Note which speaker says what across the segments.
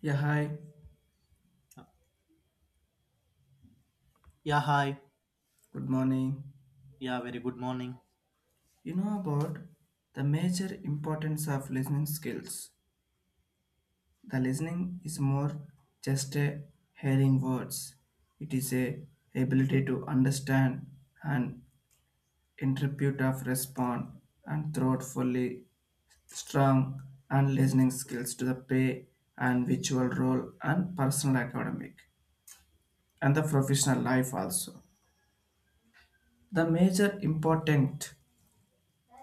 Speaker 1: Yeah, hi.
Speaker 2: Yeah, hi.
Speaker 1: Good morning.
Speaker 2: Yeah, very good morning.
Speaker 1: You know about the major importance of listening skills. The listening is more just a hearing words. It is a ability to understand and interpret of respond and thoughtfully strong and listening skills to the pay and virtual role and personal academic and the professional life also. The major important.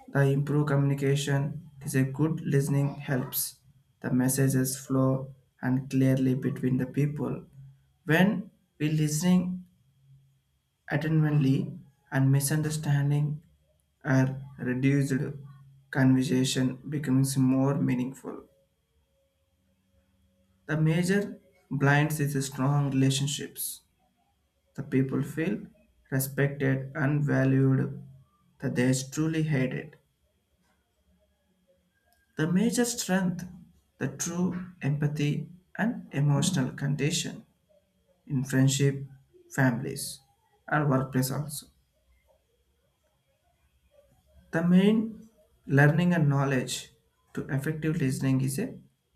Speaker 1: The improved communication is a good listening helps the messages flow and clearly between the people. When we listening attentively and misunderstanding are reduced, conversation becomes more meaningful. The major blinds is strong relationships. The people feel respected and valued that they truly hated. The major strength, the true empathy and emotional condition in friendship, families, and workplace also. The main learning and knowledge to effective listening is a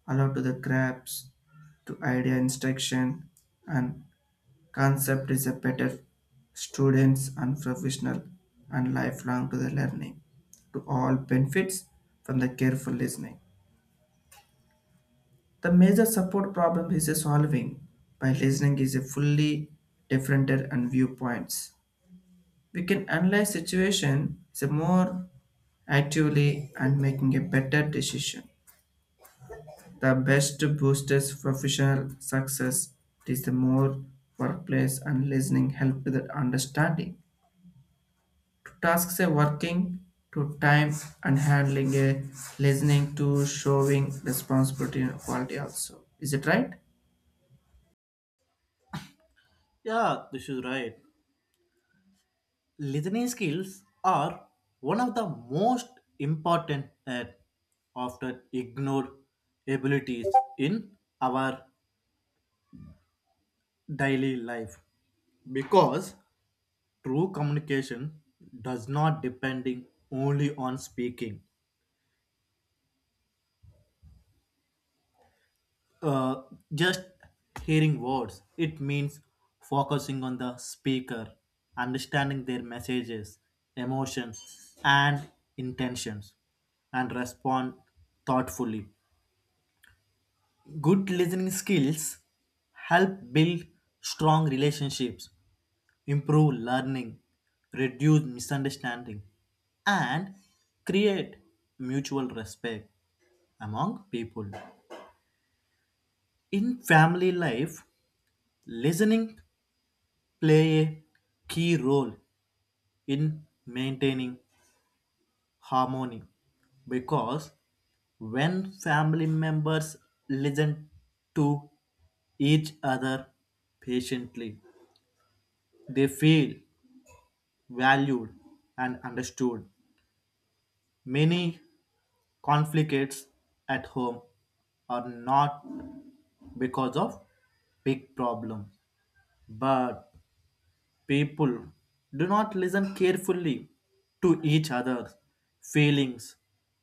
Speaker 1: allow to the grabs, to idea instruction and concept is a better students and professional and lifelong to the learning to all benefits from the careful listening. The major support problem is solving by listening is a fully different and viewpoints. We can analyze situation the more actively and making a better decision. The best boosters professional success is the more workplace and listening help with the understanding. To tasks a working to time and handling a listening to showing responsibility and quality also. Is it right?
Speaker 2: Yeah, this is right. Listening skills are one of the most important and often ignored abilities in our daily life because true communication does not depending only on speaking uh, just hearing words. It means focusing on the speaker, understanding their messages, emotions, and intentions, and respond thoughtfully. Good listening skills help build strong relationships, improve learning, reduce misunderstanding, and create mutual respect among people. In family life, listening play a key role in maintaining harmony because when family members listen to each other patiently, they feel valued and understood. Many conflicts at home are not because of big problems, but people do not listen carefully to each other's feelings.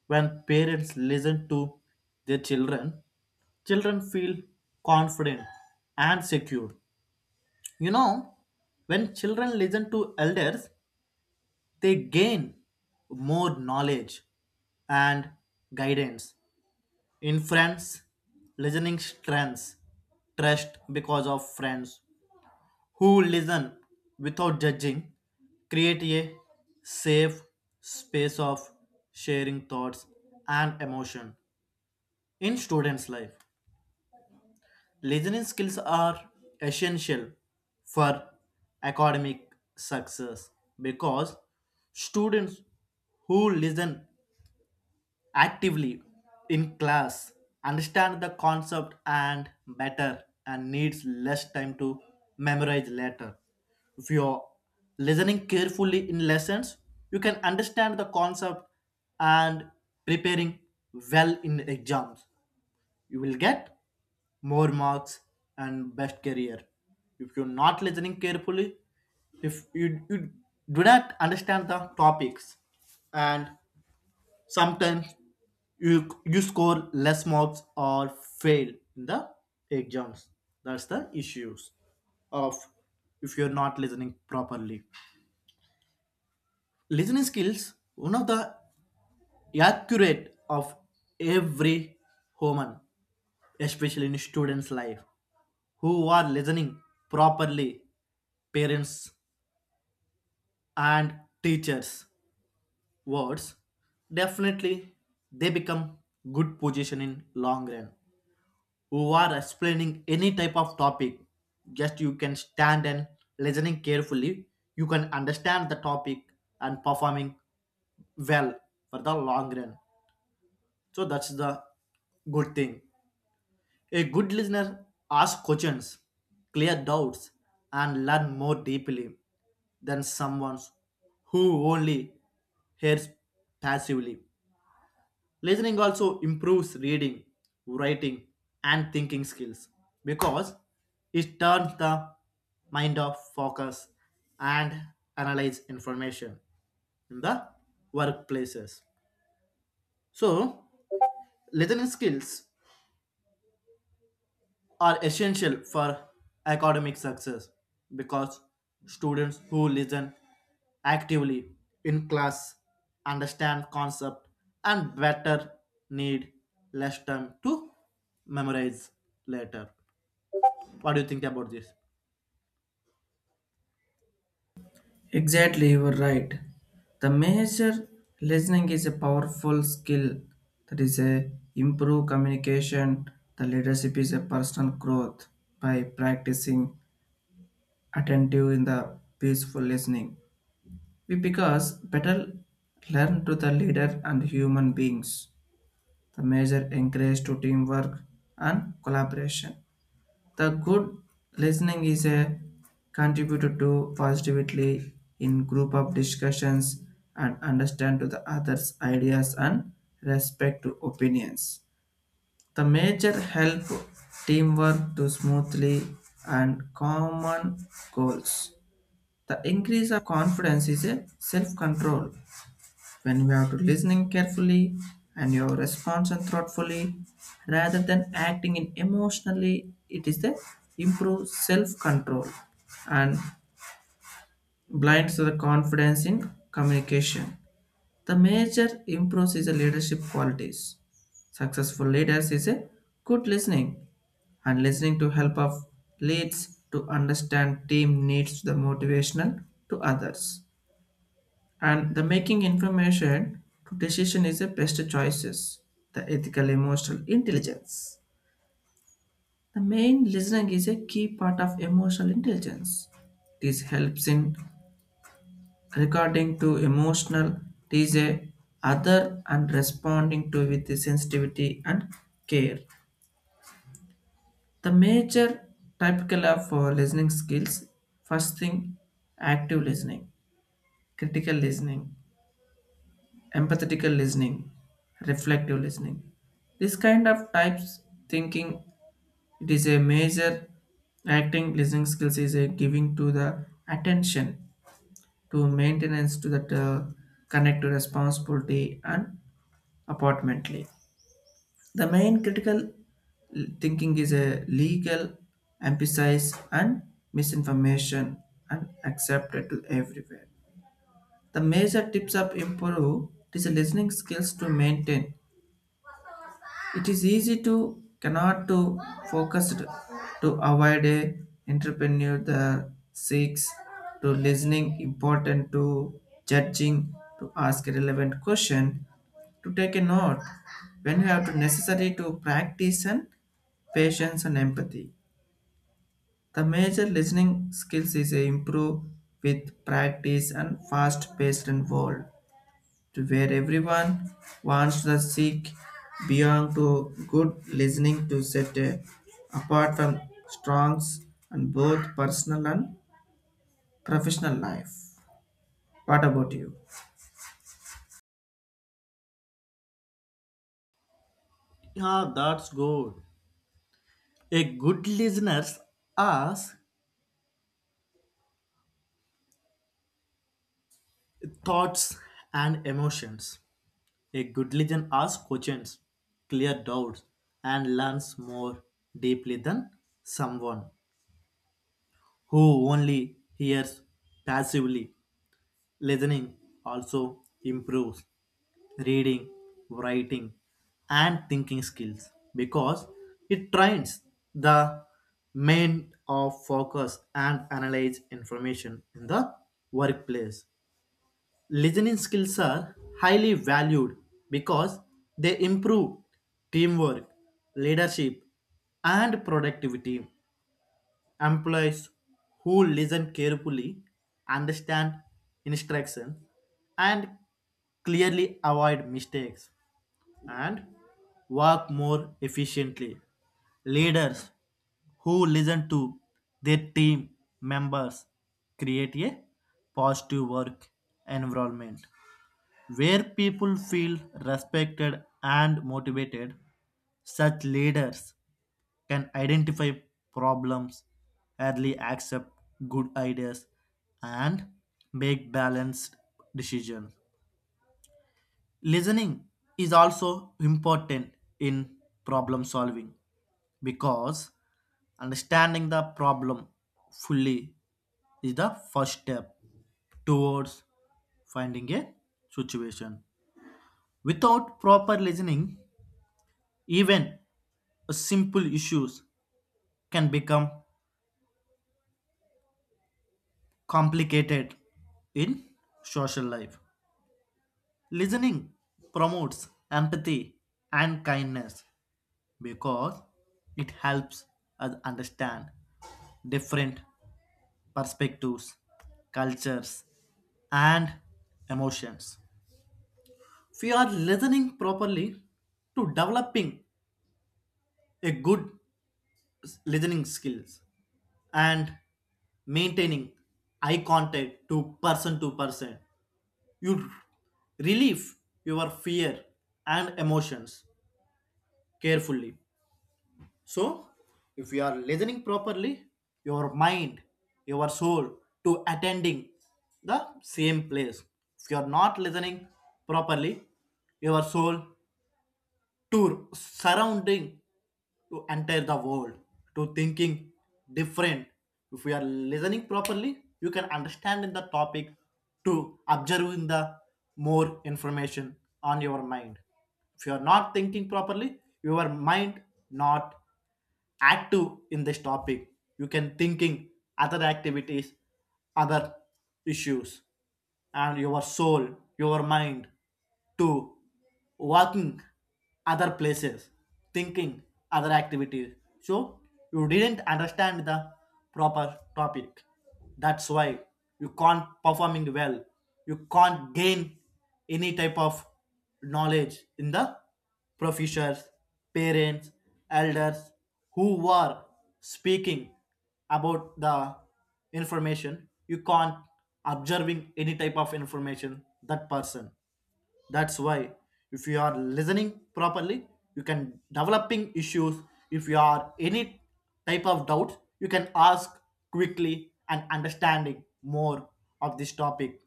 Speaker 2: When parents listen to their children, children feel confident and secure. You know, when children listen to elders, they gain more knowledge and guidance. In friends, listening strengths, trust because of friends who listen without judging, create a safe space of sharing thoughts and emotion in students' life. Listening skills are essential for academic success because students who listen actively in class, understand the concept and better and needs less time to memorize later. If you're listening carefully in lessons, you can understand the concept and preparing well in exams. You will get more marks and best career. If you're not listening carefully, if you do not understand the topics and sometimes you you score less marks or fail in the exams. That's the issues of if you're not listening properly. Listening skills one of the accurate of every human, especially in students' life, who are listening properly parents and teachers words definitely they become good position in long run who are explaining any type of topic just you can stand and listening carefully you can understand the topic and performing well for the long run. So that's the good thing. A good listener asks questions, clear doubts, and learn more deeply than someone who only hears passively. Listening also improves reading, writing, and thinking skills because it turns the mind off focus and analyze information in the workplaces. So, listening skills are essential for academic success because students who listen actively in class understand concept and better need less time to memorize later. What do you think about this?
Speaker 1: Exactly, you were right. The major listening is a powerful skill that is a improve communication. The leadership is a personal growth by practicing attentive in the peaceful listening. We because better learn to the leader and human beings. The major encourage to teamwork and collaboration. The good listening is a contributor to positively in group of discussions and understand to the other's ideas and respect to opinions. The major help teamwork to smoothly and common goals. The increase of confidence is a self-control when we are to listening carefully and your response and thoughtfully rather than acting in emotionally it is the improve self control and blinds to the confidence in communication the major improves is the leadership qualities successful leaders is a good listening and listening to help of leads to understand team needs the motivational to others and the making information to decision is the best choices. The ethical emotional intelligence. The main listening is a key part of emotional intelligence. This helps in regarding to emotional this a other and responding to with the sensitivity and care. The major typical of listening skills first thing active listening, critical listening, empathetical listening, reflective listening. This kind of types thinking it is a major acting listening skills is a giving to the attention to maintenance to that connect to responsibility and apportionately. The main critical thinking is a legal emphasis and misinformation and accepted to everywhere. The major tips of improve is listening skills to maintain. It is easy to cannot to focused to avoid a entrepreneur the seeks to listening important to judging to ask a relevant question to take a note when you have to necessary to practice and patience and empathy. The major listening skills is a improve with practice and fast paced and world to where everyone wants the seek beyond to good listening to set apart from strongs and both personal and professional life. What about you?
Speaker 2: Yeah, that's good. A good listener asks thoughts and emotions. A good listener asks questions, clear doubts, and learns more deeply than someone who only hears passively. Listening also improves reading, writing, and thinking skills because it trains the mind of focus and analyze information in the workplace. Listening skills are highly valued because they improve teamwork, leadership, and productivity. Employees who listen carefully, understand instructions, and clearly avoid mistakes and work more efficiently. Leaders who listen to their team members create a positive work environment where people feel respected and motivated. Such leaders can identify problems, early accept good ideas, and make balanced decisions. Listening is also important in problem solving because understanding the problem fully is the first step towards finding a situation. Without proper listening, even simple issues can become complicated in social life. Listening promotes empathy and kindness because it helps us understand different perspectives, cultures, and emotions. We are listening properly to developing a good listening skills and maintaining eye contact to person to person. You relieve your fear and emotions carefully. So, if you are listening properly, your mind, your soul to attending the same place. If you are not listening properly, your soul to surrounding to enter the world to thinking different. If we are listening properly you can understand in the topic to observing the more information on your mind. If you are not thinking properly your mind not active in this topic, you can thinking other activities, other issues, and your soul, your mind to working other places, thinking other activities. So you didn't understand the proper topic. That's why you can't performing well, you can't gain any type of knowledge in the professors, parents, elders who were speaking about the information. You can't observing any type of information that person. That's why if you are listening properly, you can developing issues. If you are any type of doubt, you can ask quickly and understanding more of this topic.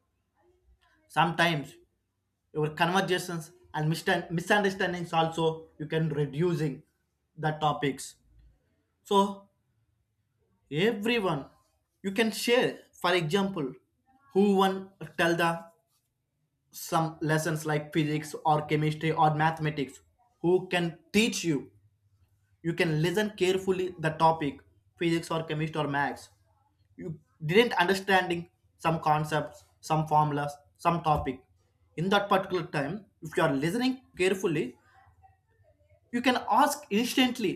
Speaker 2: Sometimes your conversations and misunderstandings also you can reducing the topics. So everyone you can share, for example, who one tell the some lessons like physics or chemistry or mathematics who can teach you. You can listen carefully the topic physics or chemistry or maths. You didn't understanding some concepts, some formulas, some topic. In that particular time if you are listening carefully you can ask instantly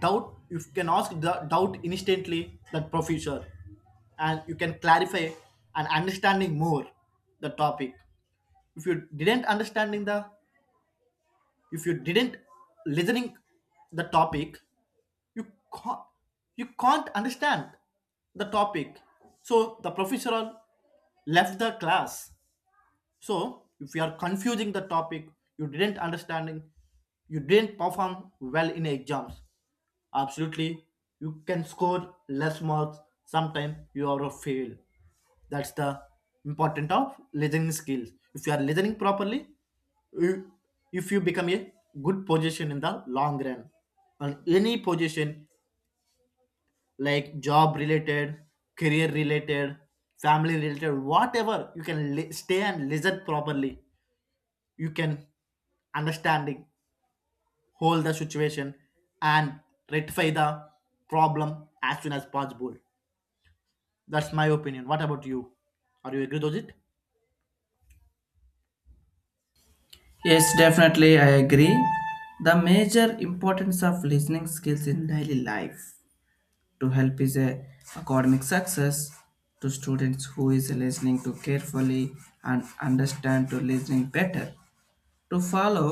Speaker 2: doubt, you can ask the doubt instantly that professor and you can clarify and understanding more the topic. If you didn't understanding the, if you didn't listening the topic, you can't you can't understand the topic. So the professor left the class. So if you are confusing the topic, you didn't understanding, you didn't perform well in exams. Absolutely, you can score less marks. Sometimes you are a fail. That's the important of listening skills. If you are listening properly, you- if you become a good position in the long run on any position like job related, career related, family related, whatever you can stay and listen properly. You can understanding, hold the situation and rectify the problem as soon as possible. That's my opinion. What about you? Are you agree with it?
Speaker 1: Yes, definitely, I agree. The major importance of listening skills in daily life to help is a academic success to students who is listening to carefully and understand to listening better. To follow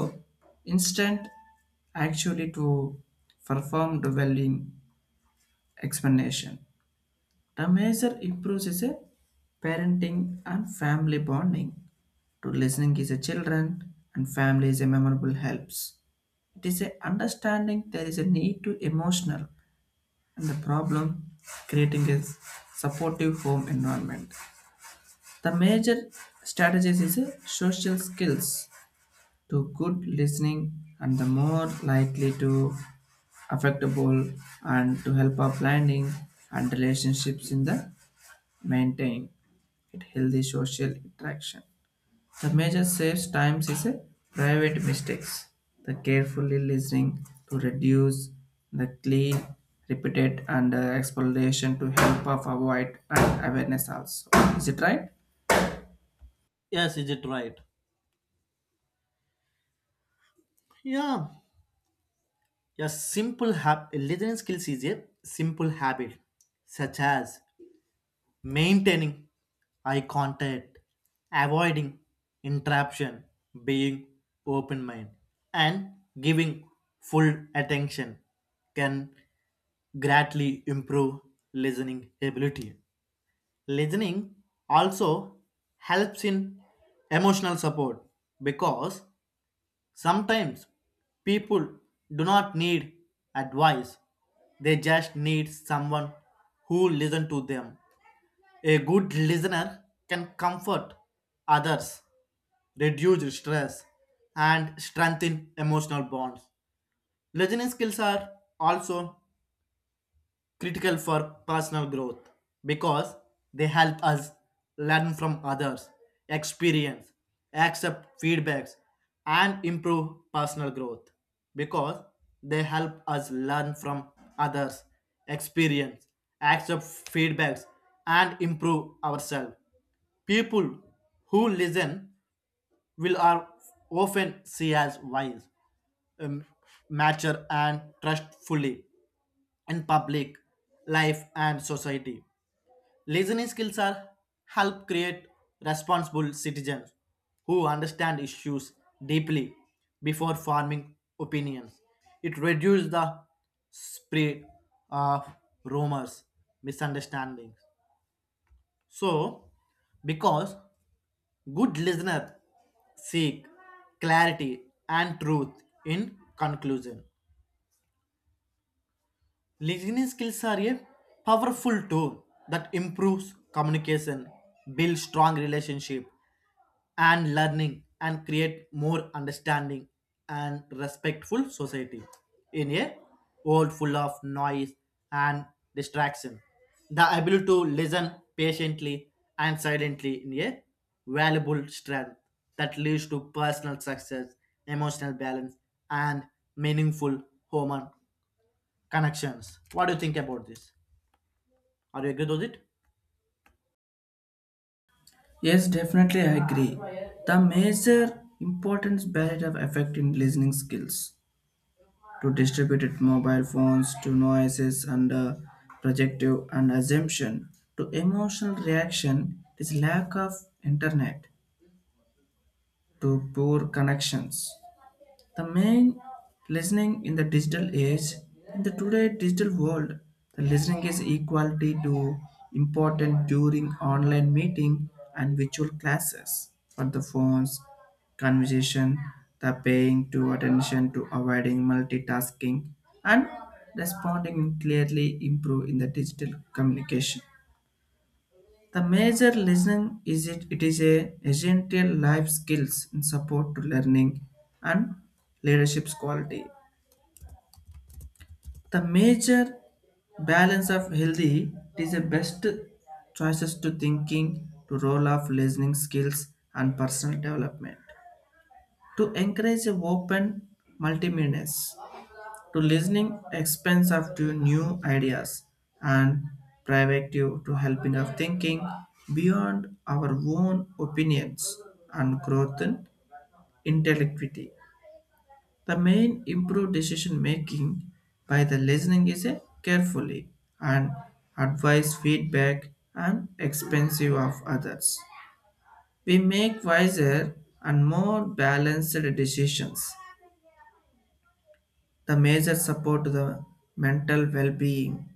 Speaker 1: instant actually to perform the dwelling explanation. The major improves is a parenting and family bonding. To listening is a children and family is a memorable helps. It is a understanding there is a need to emotional and the problem creating a supportive home environment. The major strategies is a social skills to good listening and the more likely to affectable and to help our planning and relationships in the maintain it healthy social interaction. The major saves times is a private mistakes. The carefully listening to reduce the clean, repeated and explanation to help of avoid and awareness also. Is it right?
Speaker 2: Yes, is it right? Yeah, a simple listening skills is a simple habit such as maintaining eye contact, avoiding interruption, being open minded, and giving full attention can greatly improve listening ability. Listening also helps in emotional support because sometimes people do not need advice, they just need someone who listens to them. A good listener can comfort others, reduce stress, and strengthen emotional bonds. Listening skills are also critical for personal growth because they help us learn from others, experience, accept feedbacks, and improve personal growth because they help us learn from others, experience, accept feedbacks, and improve ourselves. People who listen will are often see as wise, um, mature, and trustfully in public life and society. Listening skills are help create responsible citizens who understand issues deeply before forming opinions. It reduces the spread of rumors, misunderstandings. So, because good listeners seek clarity and truth in conclusion, listening skills are a powerful tool that improves communication, builds strong relationship, and learning and create more understanding and respectful society in a world full of noise and distraction. The ability to listen patiently and silently in a valuable strength that leads to personal success, emotional balance, and meaningful human connections. What do you think about this? Are you agree with it?
Speaker 1: Yes, definitely, I agree. The major importance barrier of effect in listening skills to distributed mobile phones to noises under projective and assumption to emotional reaction is lack of internet to poor connections the main listening in the digital age, in the today digital world, the listening is equality to important during online meeting and virtual classes for the phones, conversation, the paying to attention to avoiding multitasking and responding clearly improve in the digital communication. The major lesson is it is a essential life skills in support to learning and leadership's quality. The major balance of healthy it is the best choices to thinking to role of listening skills and personal development to encourage a open multimeanness to listening expense up to new ideas and proactive to helping of thinking beyond our own opinions and growth in intellectuality. The main improved decision making by the listening is a carefully and advice feedback and expensive of others. We make wiser and more balanced decisions. The major support to the mental well-being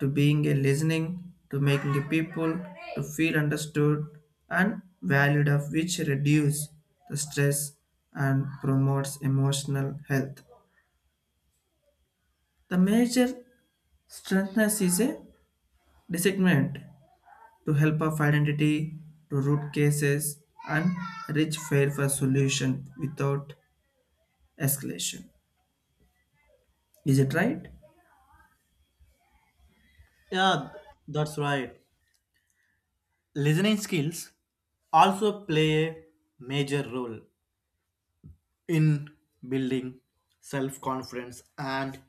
Speaker 1: to being a listening, to making the people to feel understood and valued of which reduce the stress and promotes emotional health. The major strengthness is a discernment to help of identity, to root cases and reach fair for solution without escalation. Is it right?
Speaker 2: Yeah, that's right. Listening skills also play a major role in building self confidence and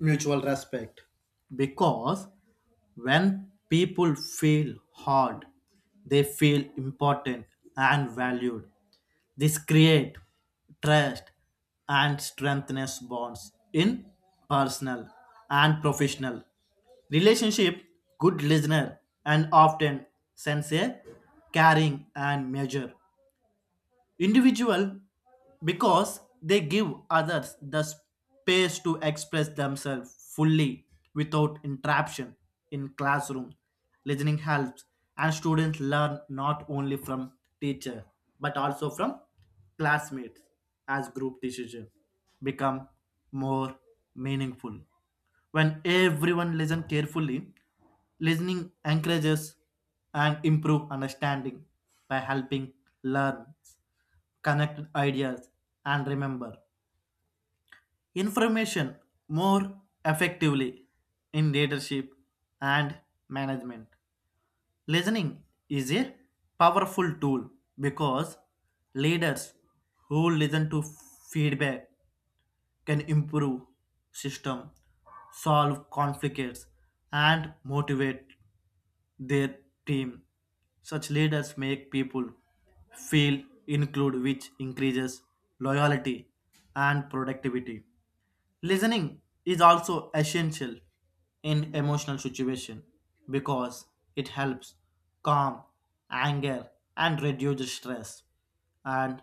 Speaker 2: mutual respect because when people feel hard, they feel important and valued. This create trust and strengthens bonds in personal and professional relationship. Good listener and often sense a caring and measure individual because they give others the space to express themselves fully without interruption. In classroom listening helps and students learn not only from teacher but also from classmates as group decision become more meaningful when everyone listen carefully. Listening encourages and improve understanding by helping learn, connect ideas, and remember information more effectively in leadership and management. Listening is a powerful tool because leaders who listen to feedback can improve system, solve conflicts, and motivate their team. Such leaders make people feel included, which increases loyalty and productivity. Listening is also essential in emotional situation because it helps calm anger and reduce stress and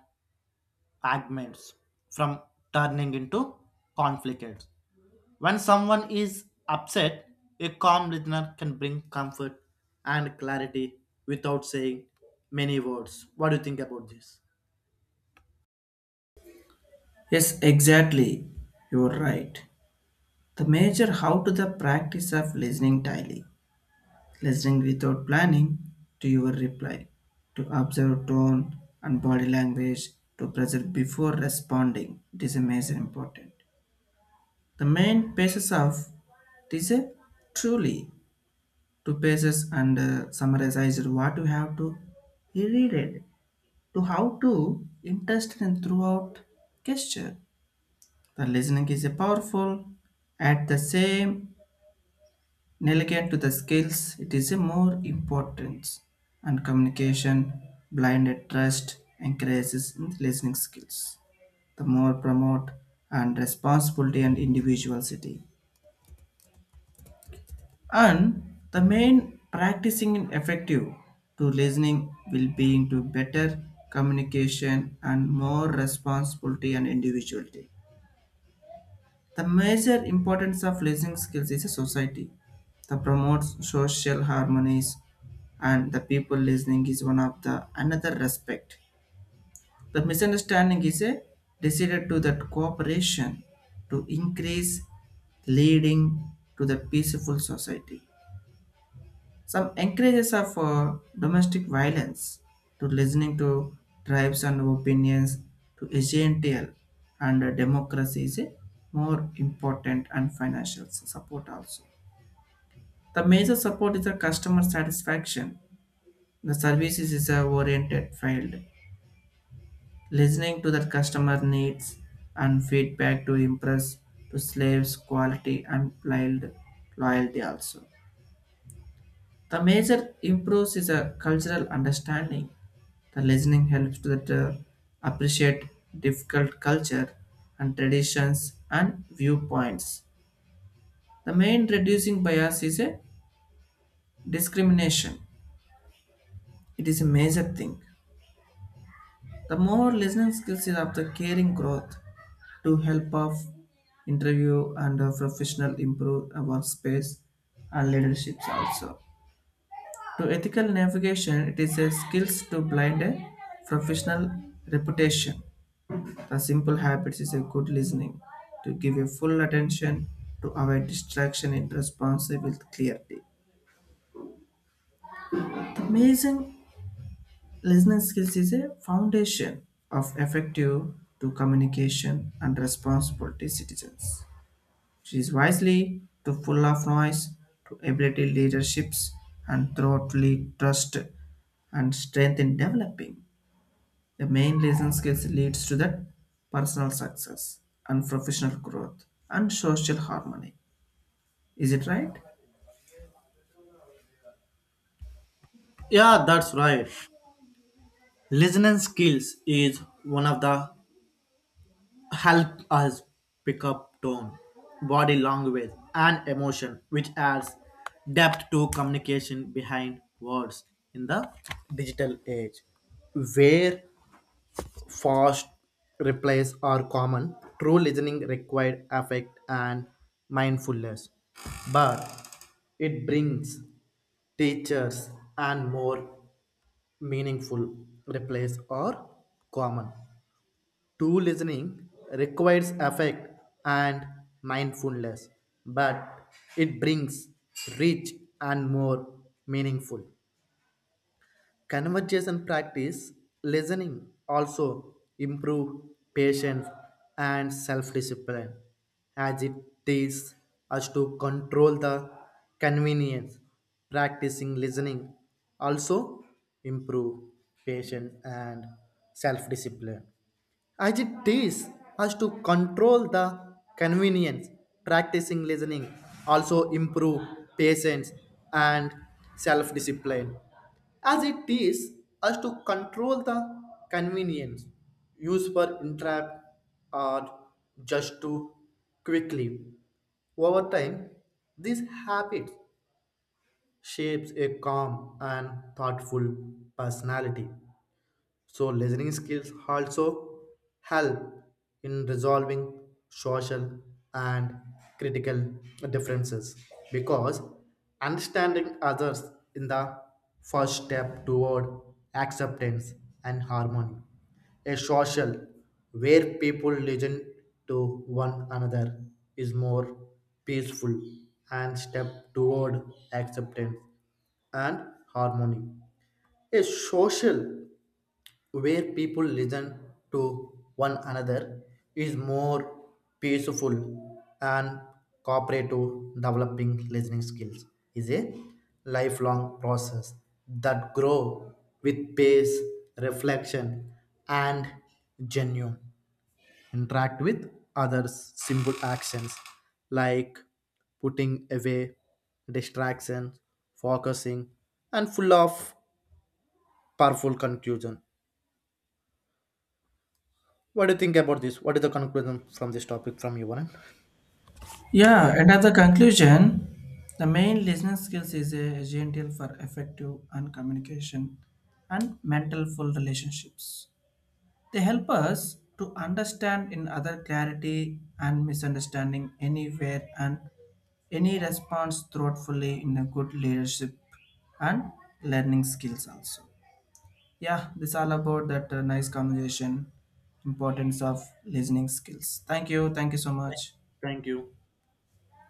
Speaker 2: arguments from turning into conflicts. When someone is upset, a calm listener can bring comfort and clarity without saying many words. What do you think about this?
Speaker 1: Yes, exactly. You're right. The major how to the practice of listening daily listening without planning to your reply, to observe tone and body language, to present before responding. It is a major important. The main basis of this is truly two pages and summarized what you have to he read it to how to interest and throughout gesture. The listening is a powerful at the same. In elegant to the skills, it is a more importance and communication, blinded trust increases in listening skills. The more promote and responsibility and individuality. And the main practicing in effective to listening will be into better communication and more responsibility and individuality. The major importance of listening skills is a society that promotes social harmonies and the people listening is one of the another respect. The misunderstanding is a decided to that cooperation to increase leading to the peaceful society. Some encourages of domestic violence to listening to tribes and opinions to agential and democracy is a more important and financial support also. The major support is the customer satisfaction. The services is a oriented field. Listening to the customer needs and feedback to impress to slaves quality and loyalty also. The major improves is a cultural understanding. The listening helps that appreciate difficult culture and traditions and viewpoints. The main reducing bias is a discrimination. It is a major thing. The more listening skills is of the caring growth to help of interview and professional improve workspace and leaderships also. To ethical navigation, it is a skills to blind a professional reputation. A simple habit is a good listening, to give a full attention, to avoid distraction and responsive with clarity. The amazing listening skills is a foundation of effective to communication and responsibility citizens. She is wisely to full of noise, to ability leaderships and thoroughly trust and strength in developing. The main lesson skills leads to the personal success and professional growth and social harmony. Is it right?
Speaker 2: Yeah, that's right. Listening skills is one of the help us pick up tone, body language, and emotion, which adds depth to communication behind words in the digital age, where fast replies are common. True listening required affect and mindfulness, but it brings teachers and more meaningful replies are common. True listening requires affect and mindfulness, but it brings rich and more meaningful conversation practice, listening also improve patience and self-discipline as it teaches us to control the convenience. Practicing listening also improve patience and self-discipline as it teaches us to control the convenience. Practicing listening also improve patience and self-discipline as it is us to control the convenience used for entrap or just too quickly. Over time, these habits shapes a calm and thoughtful personality. So, listening skills also help in resolving social and critical differences because understanding others in the first step toward acceptance and harmony. A social where people listen to one another is more peaceful and step toward acceptance and harmony. A social where people listen to one another is more peaceful and cooperative. Developing listening skills is a lifelong process that grow with pace, reflection, and genuine interact with others. Simple actions like putting away distractions, focusing and full of powerful conclusion. What do you think about this? What is the conclusion from this topic from your end?
Speaker 1: Yeah, and at the conclusion, the main listening skills is essential for effective and communication and mental full relationships. They help us to understand in other clarity and misunderstanding anywhere and any response thoughtfully in a good leadership and learning skills also. Yeah, this all about that nice conversation, importance of listening skills. Thank you. Thank you so much.
Speaker 2: Thank you.